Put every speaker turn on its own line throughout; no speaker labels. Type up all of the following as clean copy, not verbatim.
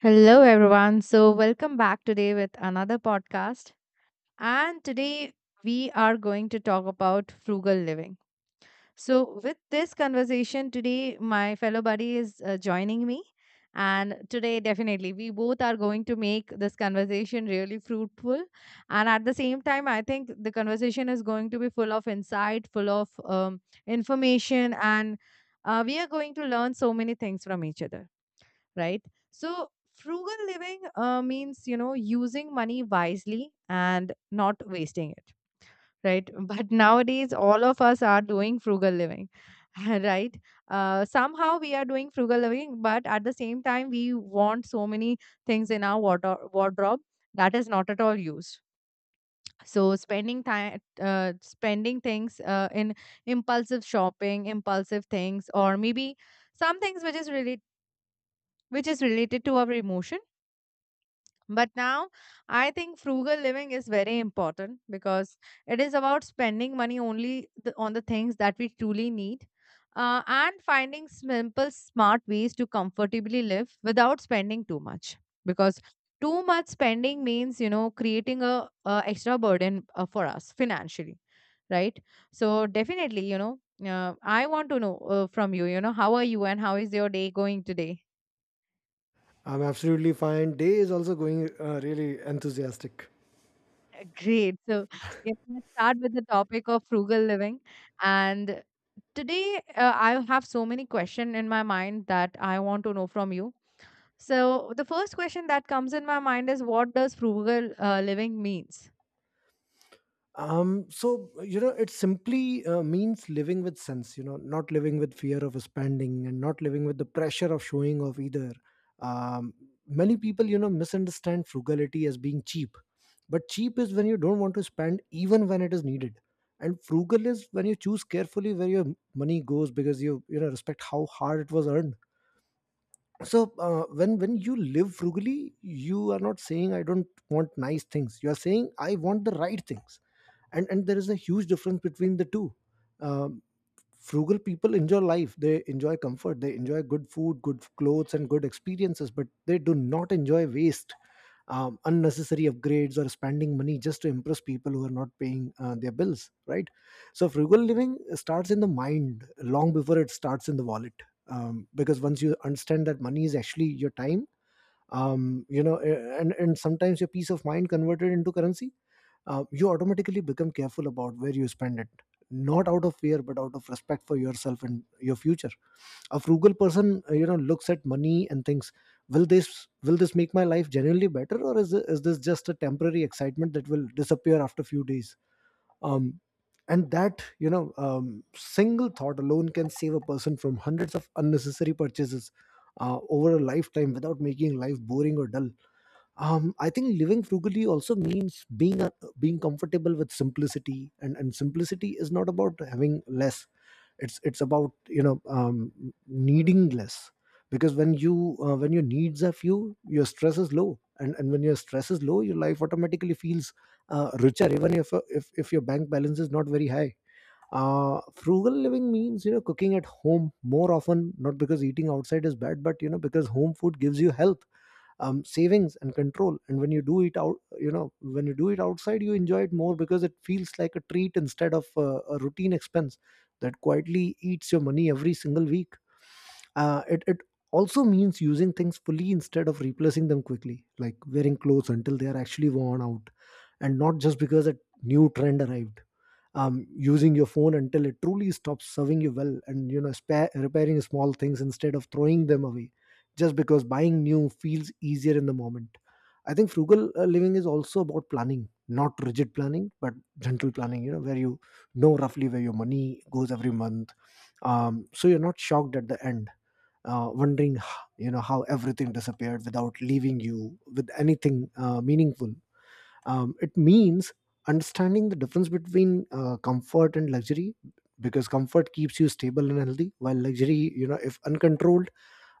Hello, everyone. So, welcome back today with another podcast. And today we are going to talk about frugal living. So, with this conversation today, my fellow buddy is joining me. And today, definitely, we both are going to make this conversation really fruitful. And at the same time, I think the conversation is going to be full of insight, full of information, and we are going to learn so many things from each other, right? So, frugal living means, you know, using money wisely and not wasting it, right? But nowadays, all of us are doing frugal living, right? Somehow we are doing frugal living, but at the same time, we want so many things in our wardrobe that is not at all used. So spending time, spending things in impulsive shopping, impulsive things, or maybe some things which is really which is related to our emotion. But now I think frugal living is very important because it is about spending money only on the things that we truly need, and finding simple, smart ways to comfortably live without spending too much. Because too much spending means, you know, creating a extra burden for us financially, right? So definitely, you know, I want to know from you, you know, how are you and how is your day going today?
I'm absolutely fine. Day is also going really enthusiastic.
Great. So, yeah, let's start with the topic of frugal living. And today, I have so many questions in my mind that I want to know from you. So, the first question that comes in my mind is, what does frugal living means?
It simply means living with sense. You know, not living with fear of spending and not living with the pressure of showing off either. Um, Many people, you know, misunderstand frugality as being cheap, but cheap is when you don't want to spend even when it is needed, and frugal is when you choose carefully where your money goes because you know respect how hard it was earned. So when you live frugally, you are not saying I don't want nice things. You are saying I want the right things, and there is a huge difference between the two. Um Frugal people enjoy life. They enjoy comfort. They enjoy good food, good clothes, and good experiences, but they do not enjoy waste, unnecessary upgrades, or spending money just to impress people who are not paying their bills, right? So frugal living starts in the mind long before it starts in the wallet, because once you understand that money is actually your time, you know and sometimes your peace of mind converted into currency, you automatically become careful about where you spend it, not out of fear but out of respect for yourself and your future. A frugal person, you know, looks at money and thinks, will this make my life genuinely better, or is this just a temporary excitement that will disappear after a few days? um, and that, you know, single thought alone can save a person from hundreds of unnecessary purchases over a lifetime without making life boring or dull. I think living frugally also means being comfortable with simplicity, and simplicity is not about having less. It's about, you know, needing less, because when your needs are few, your stress is low, and when your stress is low, your life automatically feels richer, even if your bank balance is not very high. Frugal living means, you know, cooking at home more often, not because eating outside is bad, but, you know, because home food gives you health, savings, and control. And when you do it out, you know, when you do it outside, you enjoy it more because it feels like a treat instead of a routine expense that quietly eats your money every single week. It also means using things fully instead of replacing them quickly, like wearing clothes until they are actually worn out and not just because a new trend arrived. Using your phone until it truly stops serving you well, and, you know, repairing small things instead of throwing them away just because buying new feels easier in the moment. I think frugal living is also about planning, not rigid planning, but gentle planning, you know, where you know roughly where your money goes every month, so you're not shocked at the end, wondering you know how everything disappeared without leaving you with anything meaningful. It means understanding the difference between comfort and luxury, because comfort keeps you stable and healthy, while luxury, you know, if uncontrolled,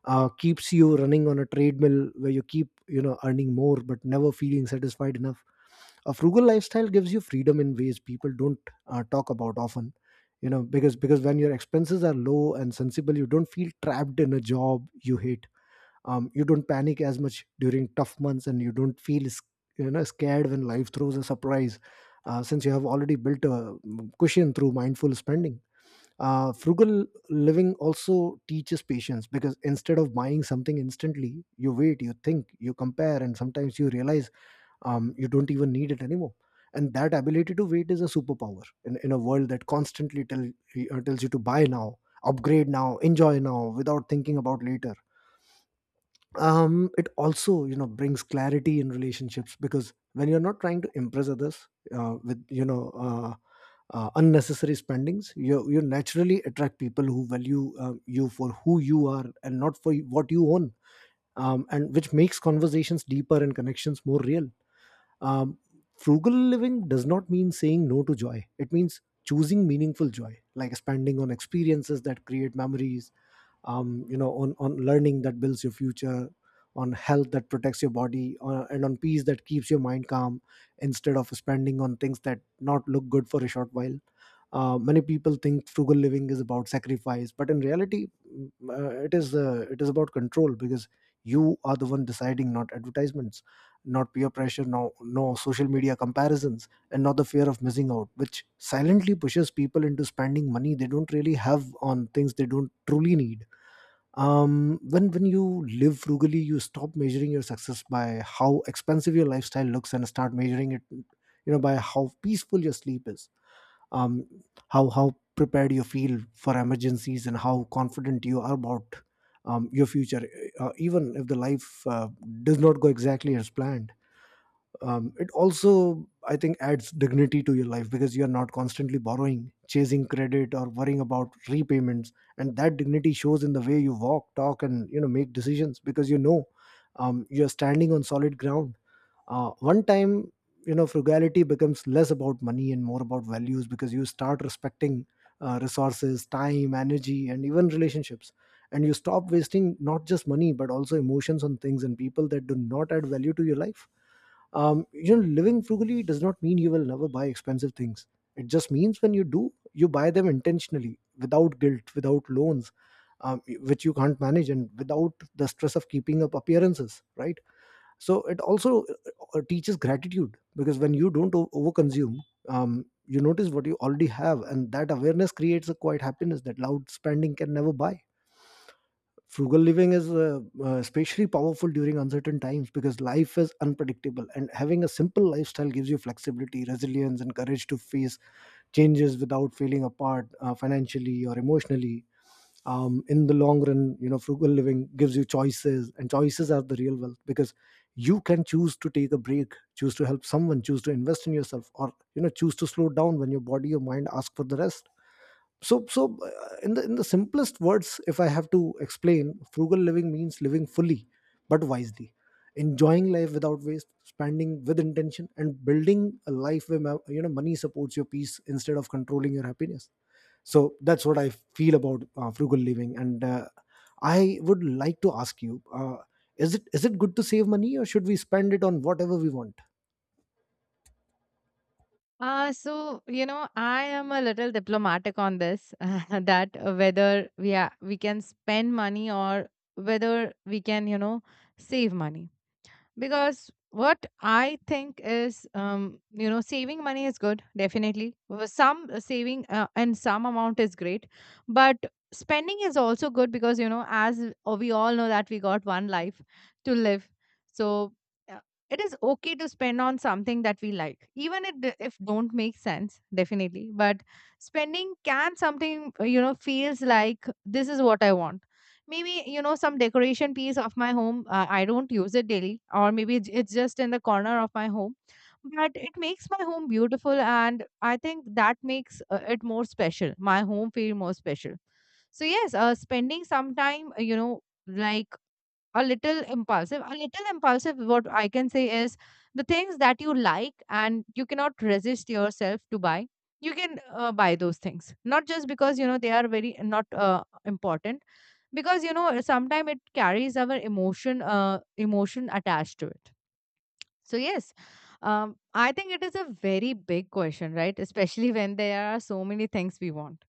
keeps you running on a treadmill where you keep, you know, earning more but never feeling satisfied enough. A frugal lifestyle gives you freedom in ways people don't talk about often, you know, because when your expenses are low and sensible, you don't feel trapped in a job you hate. You don't panic as much during tough months, and you don't feel you know scared when life throws a surprise, since you have already built a cushion through mindful spending. Frugal living also teaches patience, because instead of buying something instantly, you wait, you think, you compare, and sometimes you realize, you don't even need it anymore. And that ability to wait is a superpower in a world that constantly tells you to buy now, upgrade now, enjoy now without thinking about later. It also, you know, brings clarity in relationships, because when you're not trying to impress others with unnecessary spendings, you naturally attract people who value, you for who you are and not for what you own, and which makes conversations deeper and connections more real. um, Frugal living does not mean saying no to joy. It means choosing meaningful joy, like spending on experiences that create memories, you know, on learning that builds your future, on health that protects your body, and on peace that keeps your mind calm, instead of spending on things that not look good for a short while. Many people think frugal living is about sacrifice, but in reality, it is about control, because you are the one deciding, not advertisements, not peer pressure, no social media comparisons, and not the fear of missing out, which silently pushes people into spending money they don't really have on things they don't truly need. When you live frugally, you stop measuring your success by how expensive your lifestyle looks and start measuring it, you know, by how peaceful your sleep is, um how prepared you feel for emergencies, and how confident you are about your future, even if the life does not go exactly as planned. It also, I think, adds dignity to your life, because you're not constantly borrowing, chasing credit, or worrying about repayments, and that dignity shows in the way you walk, talk, and you know, make decisions, because you know, you're standing on solid ground. One time, you know, frugality becomes less about money and more about values, because you start respecting resources, time, energy, and even relationships, and you stop wasting not just money but also emotions on things and people that do not add value to your life. You know, living frugally does not mean you will never buy expensive things. It just means when you do, you buy them intentionally, without guilt, without loans, which you can't manage, and without the stress of keeping up appearances, right? So it also teaches gratitude, because when you don't overconsume, you notice what you already have, and that awareness creates a quiet happiness that loud spending can never buy. Frugal living is especially powerful during uncertain times, because life is unpredictable, and having a simple lifestyle gives you flexibility, resilience, and courage to face changes without feeling apart financially or emotionally. In the long run, you know, frugal living gives you choices, and choices are the real wealth, because you can choose to take a break, choose to help someone, choose to invest in yourself, or, you know, choose to slow down when your body or mind ask for the rest. So in the simplest words, if I have to explain, frugal living means living fully but wisely, enjoying life without waste, spending with intention, and building a life where you know money supports your peace instead of controlling your happiness. So that's what I feel about frugal living. And I would like to ask you, is it good to save money, or should we spend it on whatever we want?
So you know, I am a little diplomatic on this that we can spend money or whether we can, you know, save money. Because what I think is, you know, saving money is good, definitely. Some saving and some amount is great, but spending is also good because, you know, as we all know that we got one life to live. So uh, it is okay to spend on something that we like, even if don't make sense, definitely. But spending can something, you know, feels like this is what I want. Maybe, you know, some decoration piece of my home, I don't use it daily, or maybe it's just in the corner of my home, but it makes my home beautiful, and I think that makes it more special, my home feel more special. So yes, spending some time, you know, like a little impulsive. A little impulsive, what I can say is the things that you like and you cannot resist yourself to buy, you can buy those things. Not just because, you know, they are very not important, because, you know, sometimes it carries our emotion, emotion attached to it. So, yes, I think it is a very big question, right? Especially when there are so many things we want.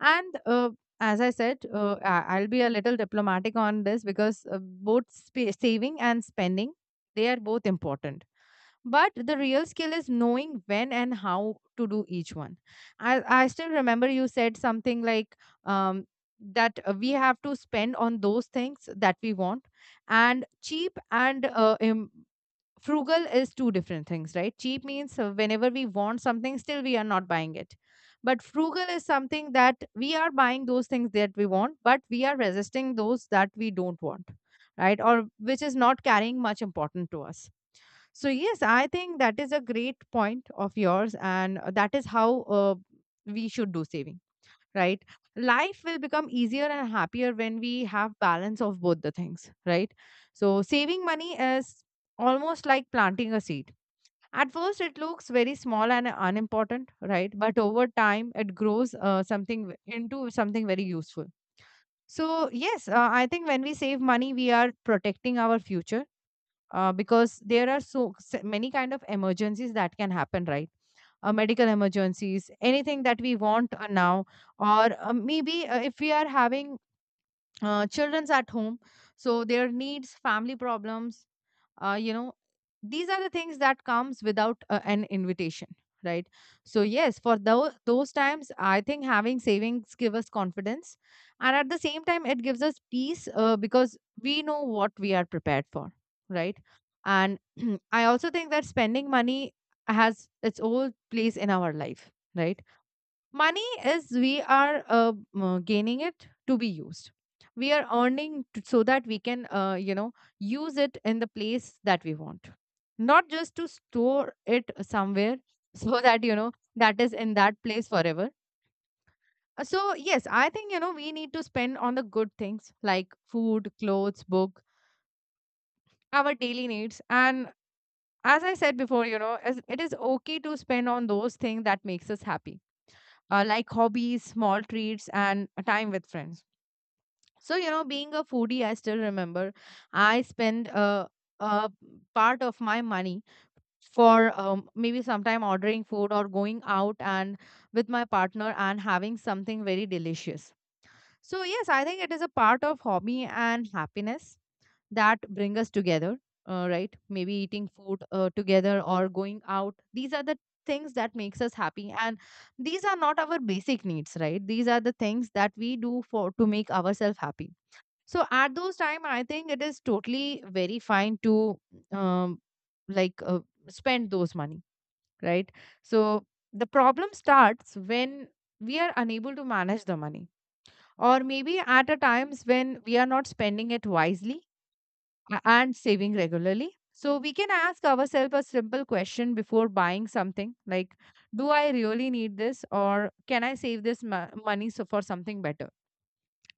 And as I said, I'll be a little diplomatic on this, because both saving and spending, they are both important. But the real skill is knowing when and how to do each one. I still remember you said something like, um, that we have to spend on those things that we want, and cheap and frugal is two different things, right? Cheap means whenever we want something, still we are not buying it. But frugal is something that we are buying those things that we want, but we are resisting those that we don't want, right? Or which is not carrying much important to us. So yes, I think that is a great point of yours, and that is how we should do saving, right? Life will become easier and happier when we have balance of both the things, right? So saving money is almost like planting a seed. At first it looks very small and unimportant, right? But over time it grows, into something very useful. So yes, I think when we save money, we are protecting our future, because there are so many kind of emergencies that can happen, right? Medical emergencies, anything that we want now, or maybe if we are having childrens at home, so their needs, family problems, you know, these are the things that comes without an invitation, right? So yes, for those times, I think having savings give us confidence, and at the same time it gives us peace, because we know what we are prepared for, right? And I also think that spending money has its own place in our life, right? Money is we are gaining it to be used. We are so that we can, you know, use it in the place that we want, not just to store it somewhere so that, you know, that is in that place forever. So, yes, I think, you know, we need to spend on the good things like food, clothes, book, our daily needs. And as I said before, you know, it is okay to spend on those things that makes us happy, like hobbies, small treats, and time with friends. So, you know, being a foodie, I still remember I spend a part of my money for, maybe sometime ordering food or going out and with my partner and having something very delicious. So, yes, I think it is a part of hobby and happiness that bring us together, right? Maybe eating food together or going out. These are the things that makes us happy, and these are not our basic needs, right? These are the things that we do for to make ourselves happy. So at those time, I think it is totally very fine to um, like uh, spend those money, right? So the problem starts when we are unable to manage the money, or maybe at a times when we are not spending it wisely and saving regularly. So we can ask ourselves a simple question before buying something, like, do I really need this, or can I save this money so for something better?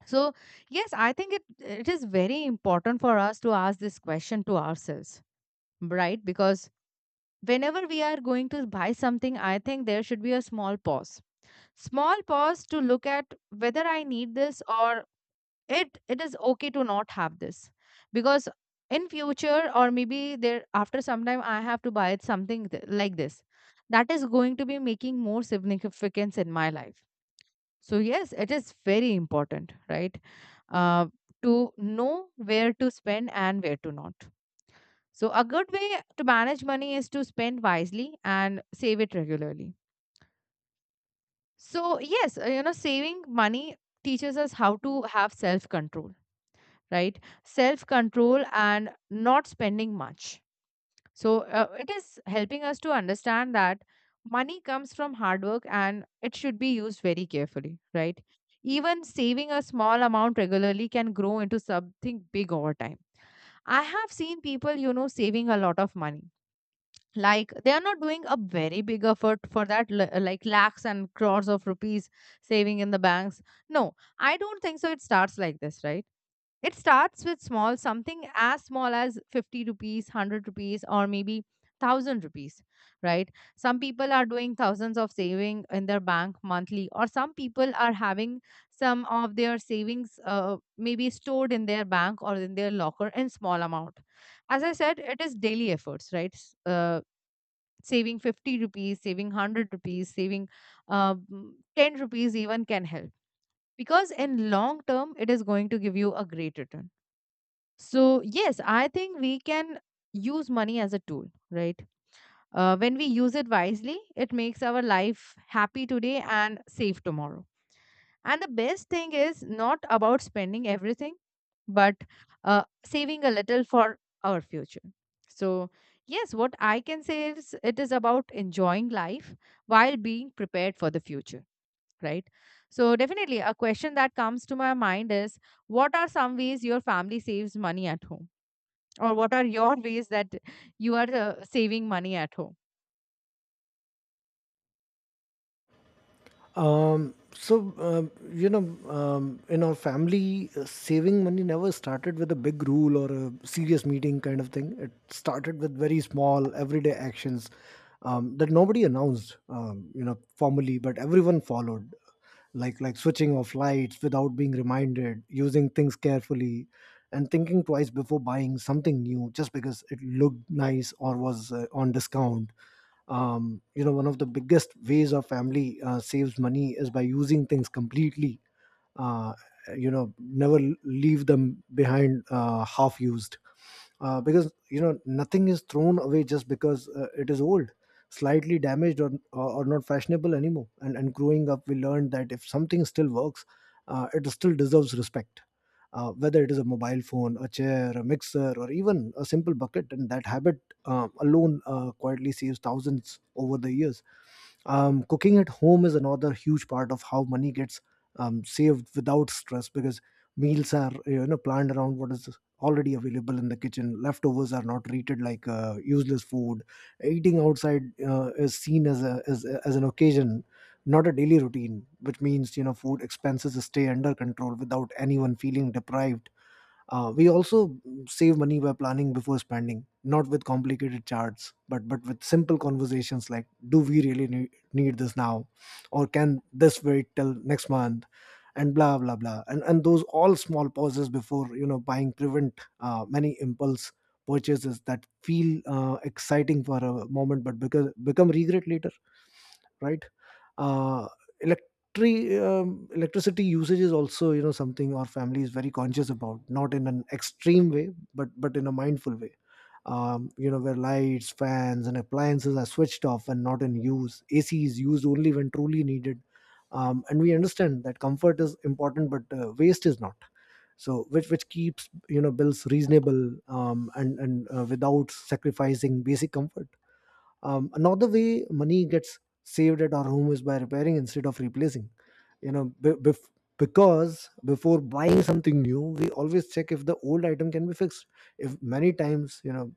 So, yes, I think it is very important for us to ask this question to ourselves, right? Because whenever we are going to buy something, I think there should be a small pause. Small pause to look at whether I need this or it is okay to not have this. Because in future, or maybe there after some time I have to buy something like this, that is going to be making more significance in my life. So, yes, it is very important, right? Uh, to know where to spend and where to not. So, a good way to manage money is to spend wisely and save it regularly. So, yes, you know, saving money teaches us how to have self control, right? Self control and not spending much. So it is helping us to understand that money comes from hard work and it should be used very carefully, right? Even saving a small amount regularly can grow into something big over time. I have seen people, you know, saving a lot of money. Like, they are not doing a very big effort for that, like lakhs and crores of rupees saving in the banks. No, I don't think so. It starts like this, right? It starts with small, something as small as 50 rupees, 100 rupees, or maybe 1,000 rupees, right? Some people are doing thousands of saving in their bank monthly, or some people are having some of their savings, maybe stored in their bank or in their locker in small amount. As I said, it is daily efforts, right? Saving 50 rupees, saving 100 rupees, saving 10 rupees even can help, because in long term it is going to give you a great return. So, yes, I think we can use money as a tool, right? When we use it wisely, it makes our life happy today and safe tomorrow. And the best thing is not about spending everything, but saving a little for our future. So, yes, what I can say is it is about enjoying life while being prepared for the future, right? So, definitely, a question that comes to my mind is, what are some ways your family saves money at home? Or what are your ways that you are saving money at home?
In our family, saving money never started with a big rule or a serious meeting kind of thing. It started with very small, everyday actions that nobody announced, you know, formally, but everyone followed. Like switching off lights without being reminded, using things carefully, and thinking twice before buying something new just because it looked nice or was on discount. You know, one of the biggest ways our family saves money is by using things completely. uh, you know, never leave them behind half used, because you know nothing is thrown away just because it is old, slightly damaged, or not fashionable anymore. And growing up, we learned that if something still works, it still deserves respect, whether it is a mobile phone, a chair, a mixer, or even a simple bucket. And that habit alone quietly saves thousands over the years. Cooking at home is another huge part of how money gets saved without stress, because meals are, you know, planned around what is already available in the kitchen. Leftovers are not treated like useless food. Eating outside is seen as as an occasion, not a daily routine, which means food expenses stay under control without anyone feeling deprived. We also save money by planning before spending, not with complicated charts, but with simple conversations like, "Do we really need this now?" or "Can this wait till next month?" And blah blah blah. And those all small pauses before buying prevent many impulse purchases that feel exciting for a moment but because become regret later, right? uh, electricity usage is also something our family is very conscious about, not in an extreme way, but in a mindful way, where lights, fans and appliances are switched off and not in use. AC is used only when truly needed. And we understand that comfort is important, but waste is not, so which keeps bills reasonable, and without sacrificing basic comfort. Another way money gets saved at our home is by repairing instead of replacing. You know be- bef- because before buying something new, we always check if the old item can be fixed. If many times,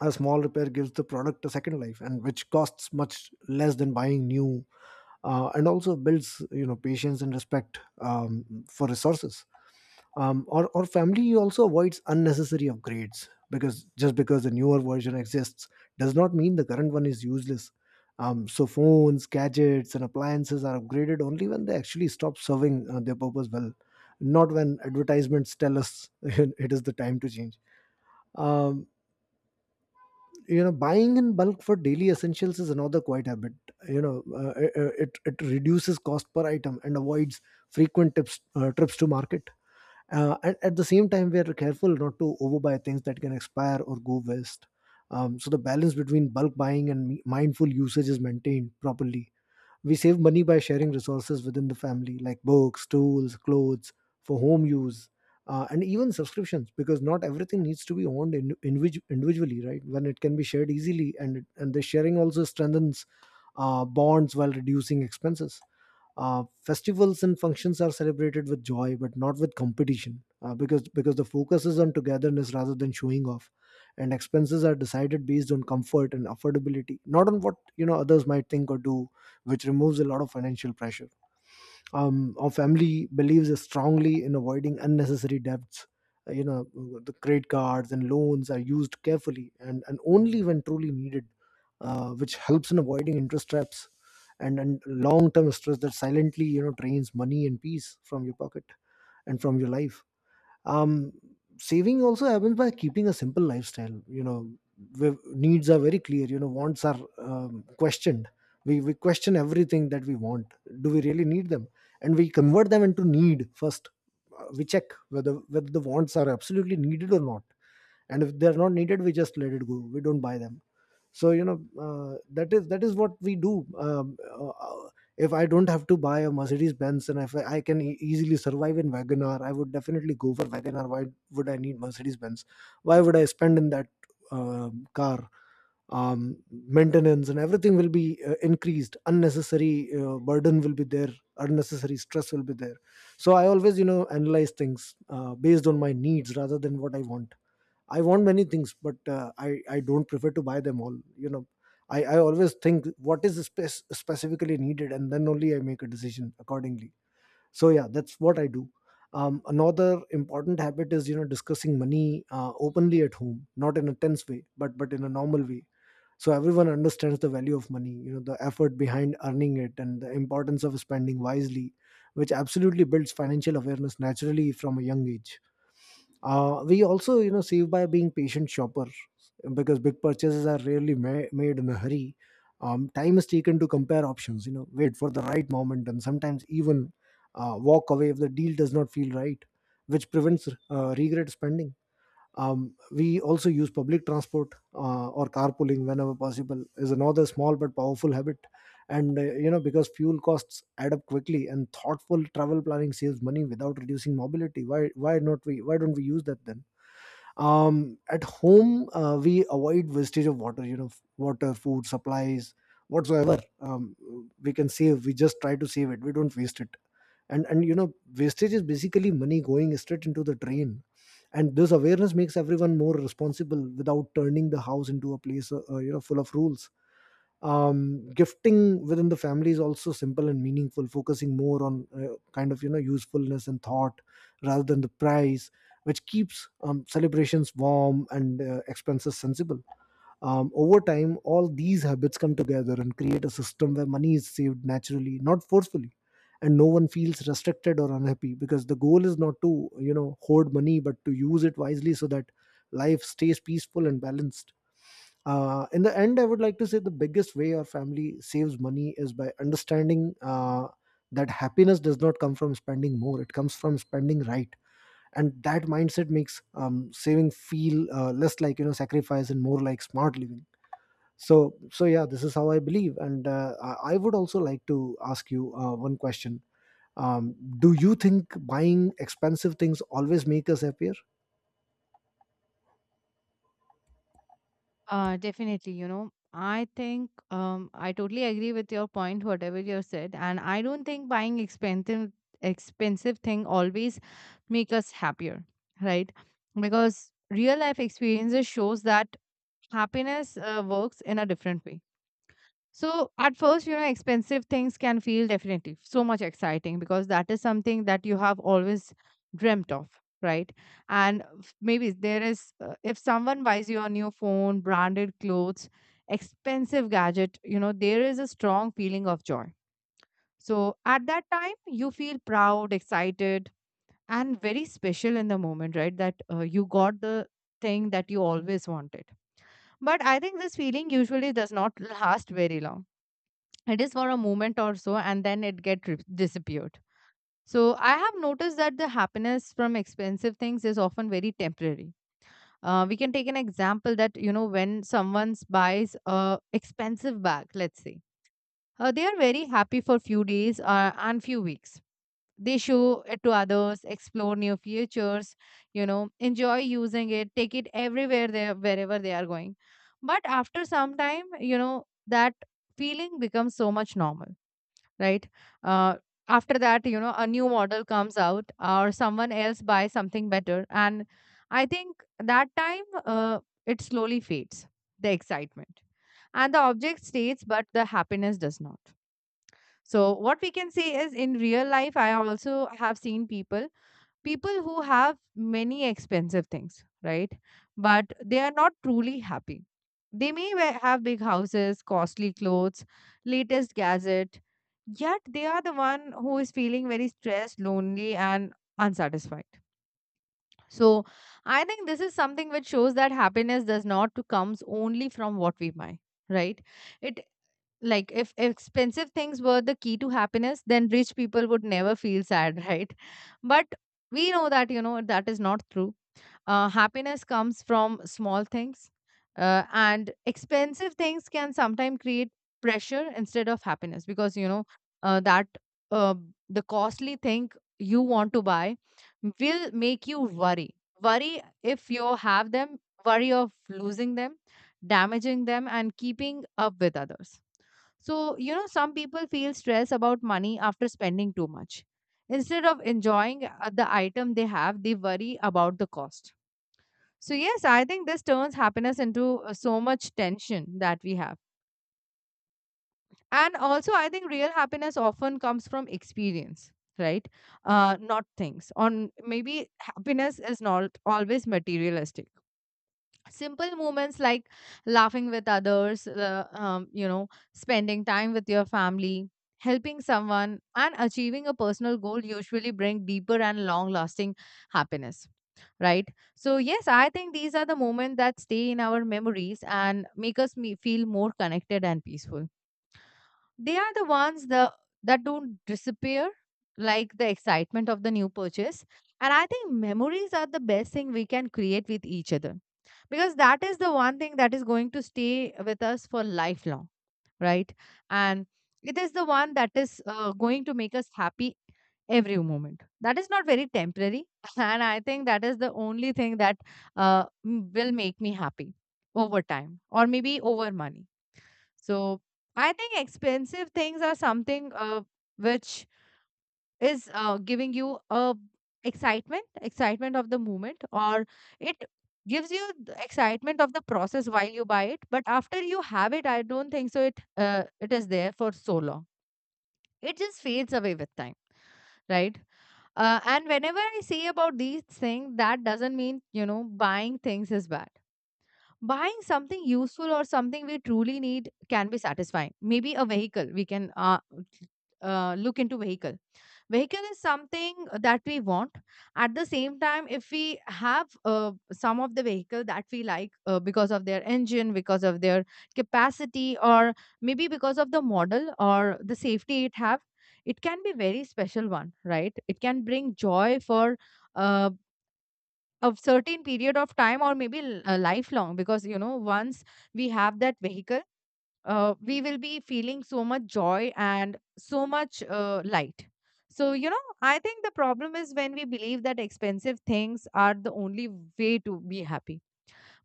a small repair gives the product a second life, and which costs much less than buying new, and also builds patience and respect for resources. Or family also avoids unnecessary upgrades, because just because the newer version exists does not mean the current one is useless. So phones, gadgets and appliances are upgraded only when they actually stop serving their purpose well, not when advertisements tell us it is the time to change. Um, you know buying in bulk for daily essentials is another quiet habit. It reduces cost per item and avoids frequent trips to market. At the same time, we are careful not to overbuy things that can expire or go waste. So the balance between bulk buying and mindful usage is maintained properly. We save money by sharing resources within the family, like books, tools, clothes for home use, and even subscriptions, because not everything needs to be owned individually, right, when it can be shared easily, and the sharing also strengthens bonds while reducing expenses. Festivals and functions are celebrated with joy, but not with competition, because the focus is on togetherness rather than showing off. And expenses are decided based on comfort and affordability, not on what others might think or do, which removes a lot of financial pressure. Our family believes strongly in avoiding unnecessary debts. Uh, you know the credit cards and loans are used carefully, and only when truly needed, which helps in avoiding interest traps, and long-term stress that silently drains money and peace from your pocket and from your life. Um saving also happens by keeping a simple lifestyle. The needs are very clear. Wants are questioned. We question everything that we want. Do we really need them? And we convert them into need first. We check whether the wants are absolutely needed or not, and if they're not needed, we just let it go, we don't buy them. So that is what we do. If I don't have to buy a Mercedes Benz, and if I can easily survive in Wagoner, I would definitely go for Wagoner. Why would I need Mercedes Benz? Why would I spend in that car? Maintenance and everything will be increased, unnecessary burden will be there, unnecessary stress will be there. So I always analyze things based on my needs rather than what I want. I want many things, but I don't prefer to buy them all. I always think what is specifically needed, and then only I make a decision accordingly. So yeah, that's what I do. Another important habit is discussing money openly at home, not in a tense way, but in a normal way. So everyone understands the value of money, the effort behind earning it, and the importance of spending wisely, which absolutely builds financial awareness naturally from a young age. We also, save by being patient shoppers, because big purchases are rarely made in a hurry. Time is taken to compare options, wait for the right moment, and sometimes even walk away if the deal does not feel right, which prevents regret spending. We also use public transport or carpooling whenever possible is another small but powerful habit. And you know because fuel costs add up quickly, and thoughtful travel planning saves money without reducing mobility. Why don't we use that then? At home, we avoid wastage of water. Water, food, supplies, whatsoever, we can save. We just try to save it. We don't waste it, and wastage is basically money going straight into the drain. And this awareness makes everyone more responsible without turning the house into a place full of rules. Gifting within the family is also simple and meaningful, focusing more on kind of usefulness and thought rather than the price, which keeps celebrations warm and expenses sensible. Over time, all these habits come together and create a system where money is saved naturally, not forcefully, and no one feels restricted or unhappy, because the goal is not to hoard money, but to use it wisely, so that life stays peaceful and balanced. In the end, I would like to say the biggest way our family saves money is by understanding that happiness does not come from spending more; it comes from spending right. And that mindset makes saving feel less like sacrifice, and more like smart living. So yeah, this is how I believe, and I would also like to ask you one question. um, do you think buying expensive things always make us happier?
Definitely, you know, I think I totally agree with your point, whatever you said, and I don't think buying expensive thing always make us happier, right? Because real life experiences shows that happiness works in a different way. So at first, you know, expensive things can feel definitely so much exciting because that is something that you have always dreamt of, right? Maybe there is, if someone buys you a new phone, branded clothes, expensive gadget, you know, there is a strong feeling of joy. So at that time, you feel proud, excited, and very special in the moment, right? That you got the thing that you always wanted. But I think this feeling usually does not last very long. It is for a moment or so and then it disappeared. So I have noticed that the happiness from expensive things is often very temporary. We can take an example that, you know, when someone buys a expensive bag, let's say, they are very happy for few days, and few weeks they show it to others, explore new features, you know, enjoy using it, take it everywhere they wherever they are going. But after some time, you know, that feeling becomes so much normal, right? Uh, after that, you know, a new model comes out or someone else buys something better. And I think that time it slowly fades, the excitement. And the object stays, but the happiness does not. So, what we can say is, in real life, I also have seen people who have many expensive things, right? But they are not truly happy. They may have big houses, costly clothes, latest gadget, yet they are the one who is feeling very stressed, lonely, and unsatisfied. So I think this is something which shows that happiness does not to comes only from what we buy, right? It, like, if expensive things were the key to happiness, then rich people would never feel sad, right? But we know that, you know, that is not true. Happiness comes from small things, and expensive things can sometimes create pressure instead of happiness because, you know, that uh, the costly thing you want to buy will make you worry. Worry if you have them, worry of losing them, damaging them, and keeping up with others. So, you know, some people feel stress about money after spending too much. Instead of enjoying the item they have, they worry about the cost. So, yes, I think this turns happiness into so much tension that we have. And also, I think real happiness often comes from experience, right? Not things. On maybe happiness is not always materialistic. Simple moments like laughing with others, you know, spending time with your family, helping someone, and achieving a personal goal usually bring deeper and long lasting happiness, right? So yes, I think these are the moments that stay in our memories and make us feel more connected and peaceful. They are the ones that don't disappear like the excitement of the new purchase. And I think memories are the best thing we can create with each other, because that is the one thing that is going to stay with us for lifelong, right? And it is the one that is going to make us happy every moment, that is not very temporary. And I think that is the only thing that will make me happy over time or maybe over money. So I think expensive things are something which is giving you a excitement of the moment, or it gives you the excitement of the process while you buy it, but after you have it, I don't think so it it is there for so long. It just fades away with time, right? Uh, and whenever I see about these things, that doesn't mean, you know, buying things is bad. Buying something useful or something we truly need can be satisfying. Maybe a vehicle. We can look into vehicle. Vehicle is something that we want. At the same time, if we have some of the vehicle that we like because of their engine, because of their capacity, or maybe because of the model or the safety it have, it can be very special one, right? It can bring joy for uh, a certain period of time or maybe lifelong, because you know once we have that vehicle, we will be feeling so much joy and so much light. So you know, I think the problem is when we believe that expensive things are the only way to be happy.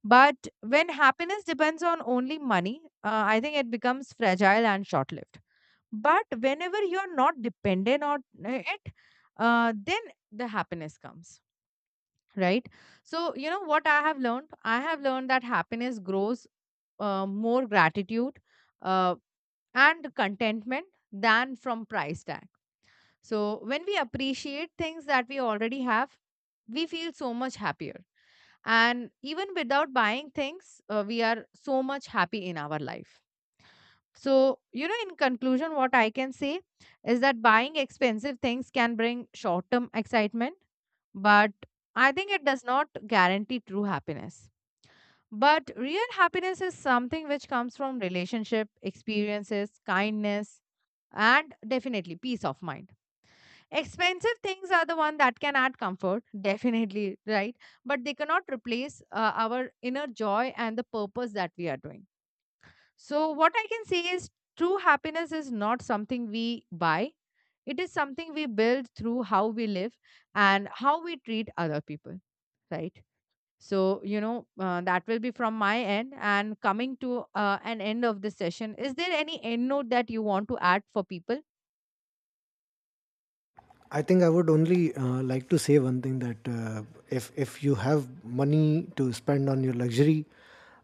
But when happiness depends on only money, I think it becomes fragile and short lived. But whenever you are not dependent on it, then the happiness comes, right? So you know what I have learned, I have learned that happiness grows more gratitude uh, and contentment than from price tag. So when we appreciate things that we already have, we feel so much happier, and even without buying things, we are so much happy in our life. So you know, in conclusion, what I can say is that buying expensive things can bring short term excitement, but I think it does not guarantee true happiness. But real happiness is something which comes from relationship, experiences, kindness, and definitely peace of mind. Expensive things are the one that can add comfort, definitely, right? But they cannot replace our inner joy and the purpose that we are doing. So, what I can say is true happiness is not something we buy, it is something we build through how we live and how we treat other people, right? So, you know, that will be from my end. And coming to an end of this session, is there any end note that you want to add for people?
I think I would only like to say one thing that if you have money to spend on your luxury,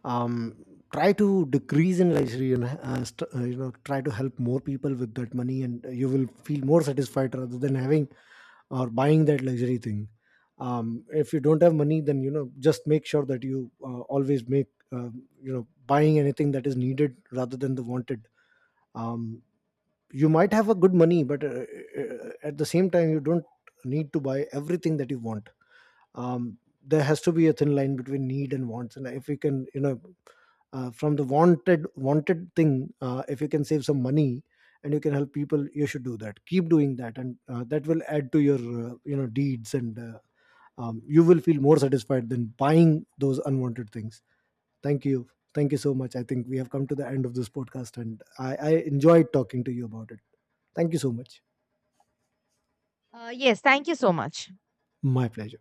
um, try to decrease in luxury and try to help more people with that money, and you will feel more satisfied rather than having or buying that luxury thing. If you don't have money, then just make sure that you always make uh, buying anything that is needed rather than the wanted. Um, you might have a good money, but at the same time, you don't need to buy everything that you want. um, there has to be a thin line between need and wants, and if we can from the wanted thing, if you can save some money and you can help people, you should do that, keep doing that, and that will add to your deeds, and you will feel more satisfied than buying those unwanted things. Thank you, thank you so much. I think we have come to the end of this podcast, and I enjoyed talking to you about it. Thank you so much.
Yes, thank you so much.
My pleasure.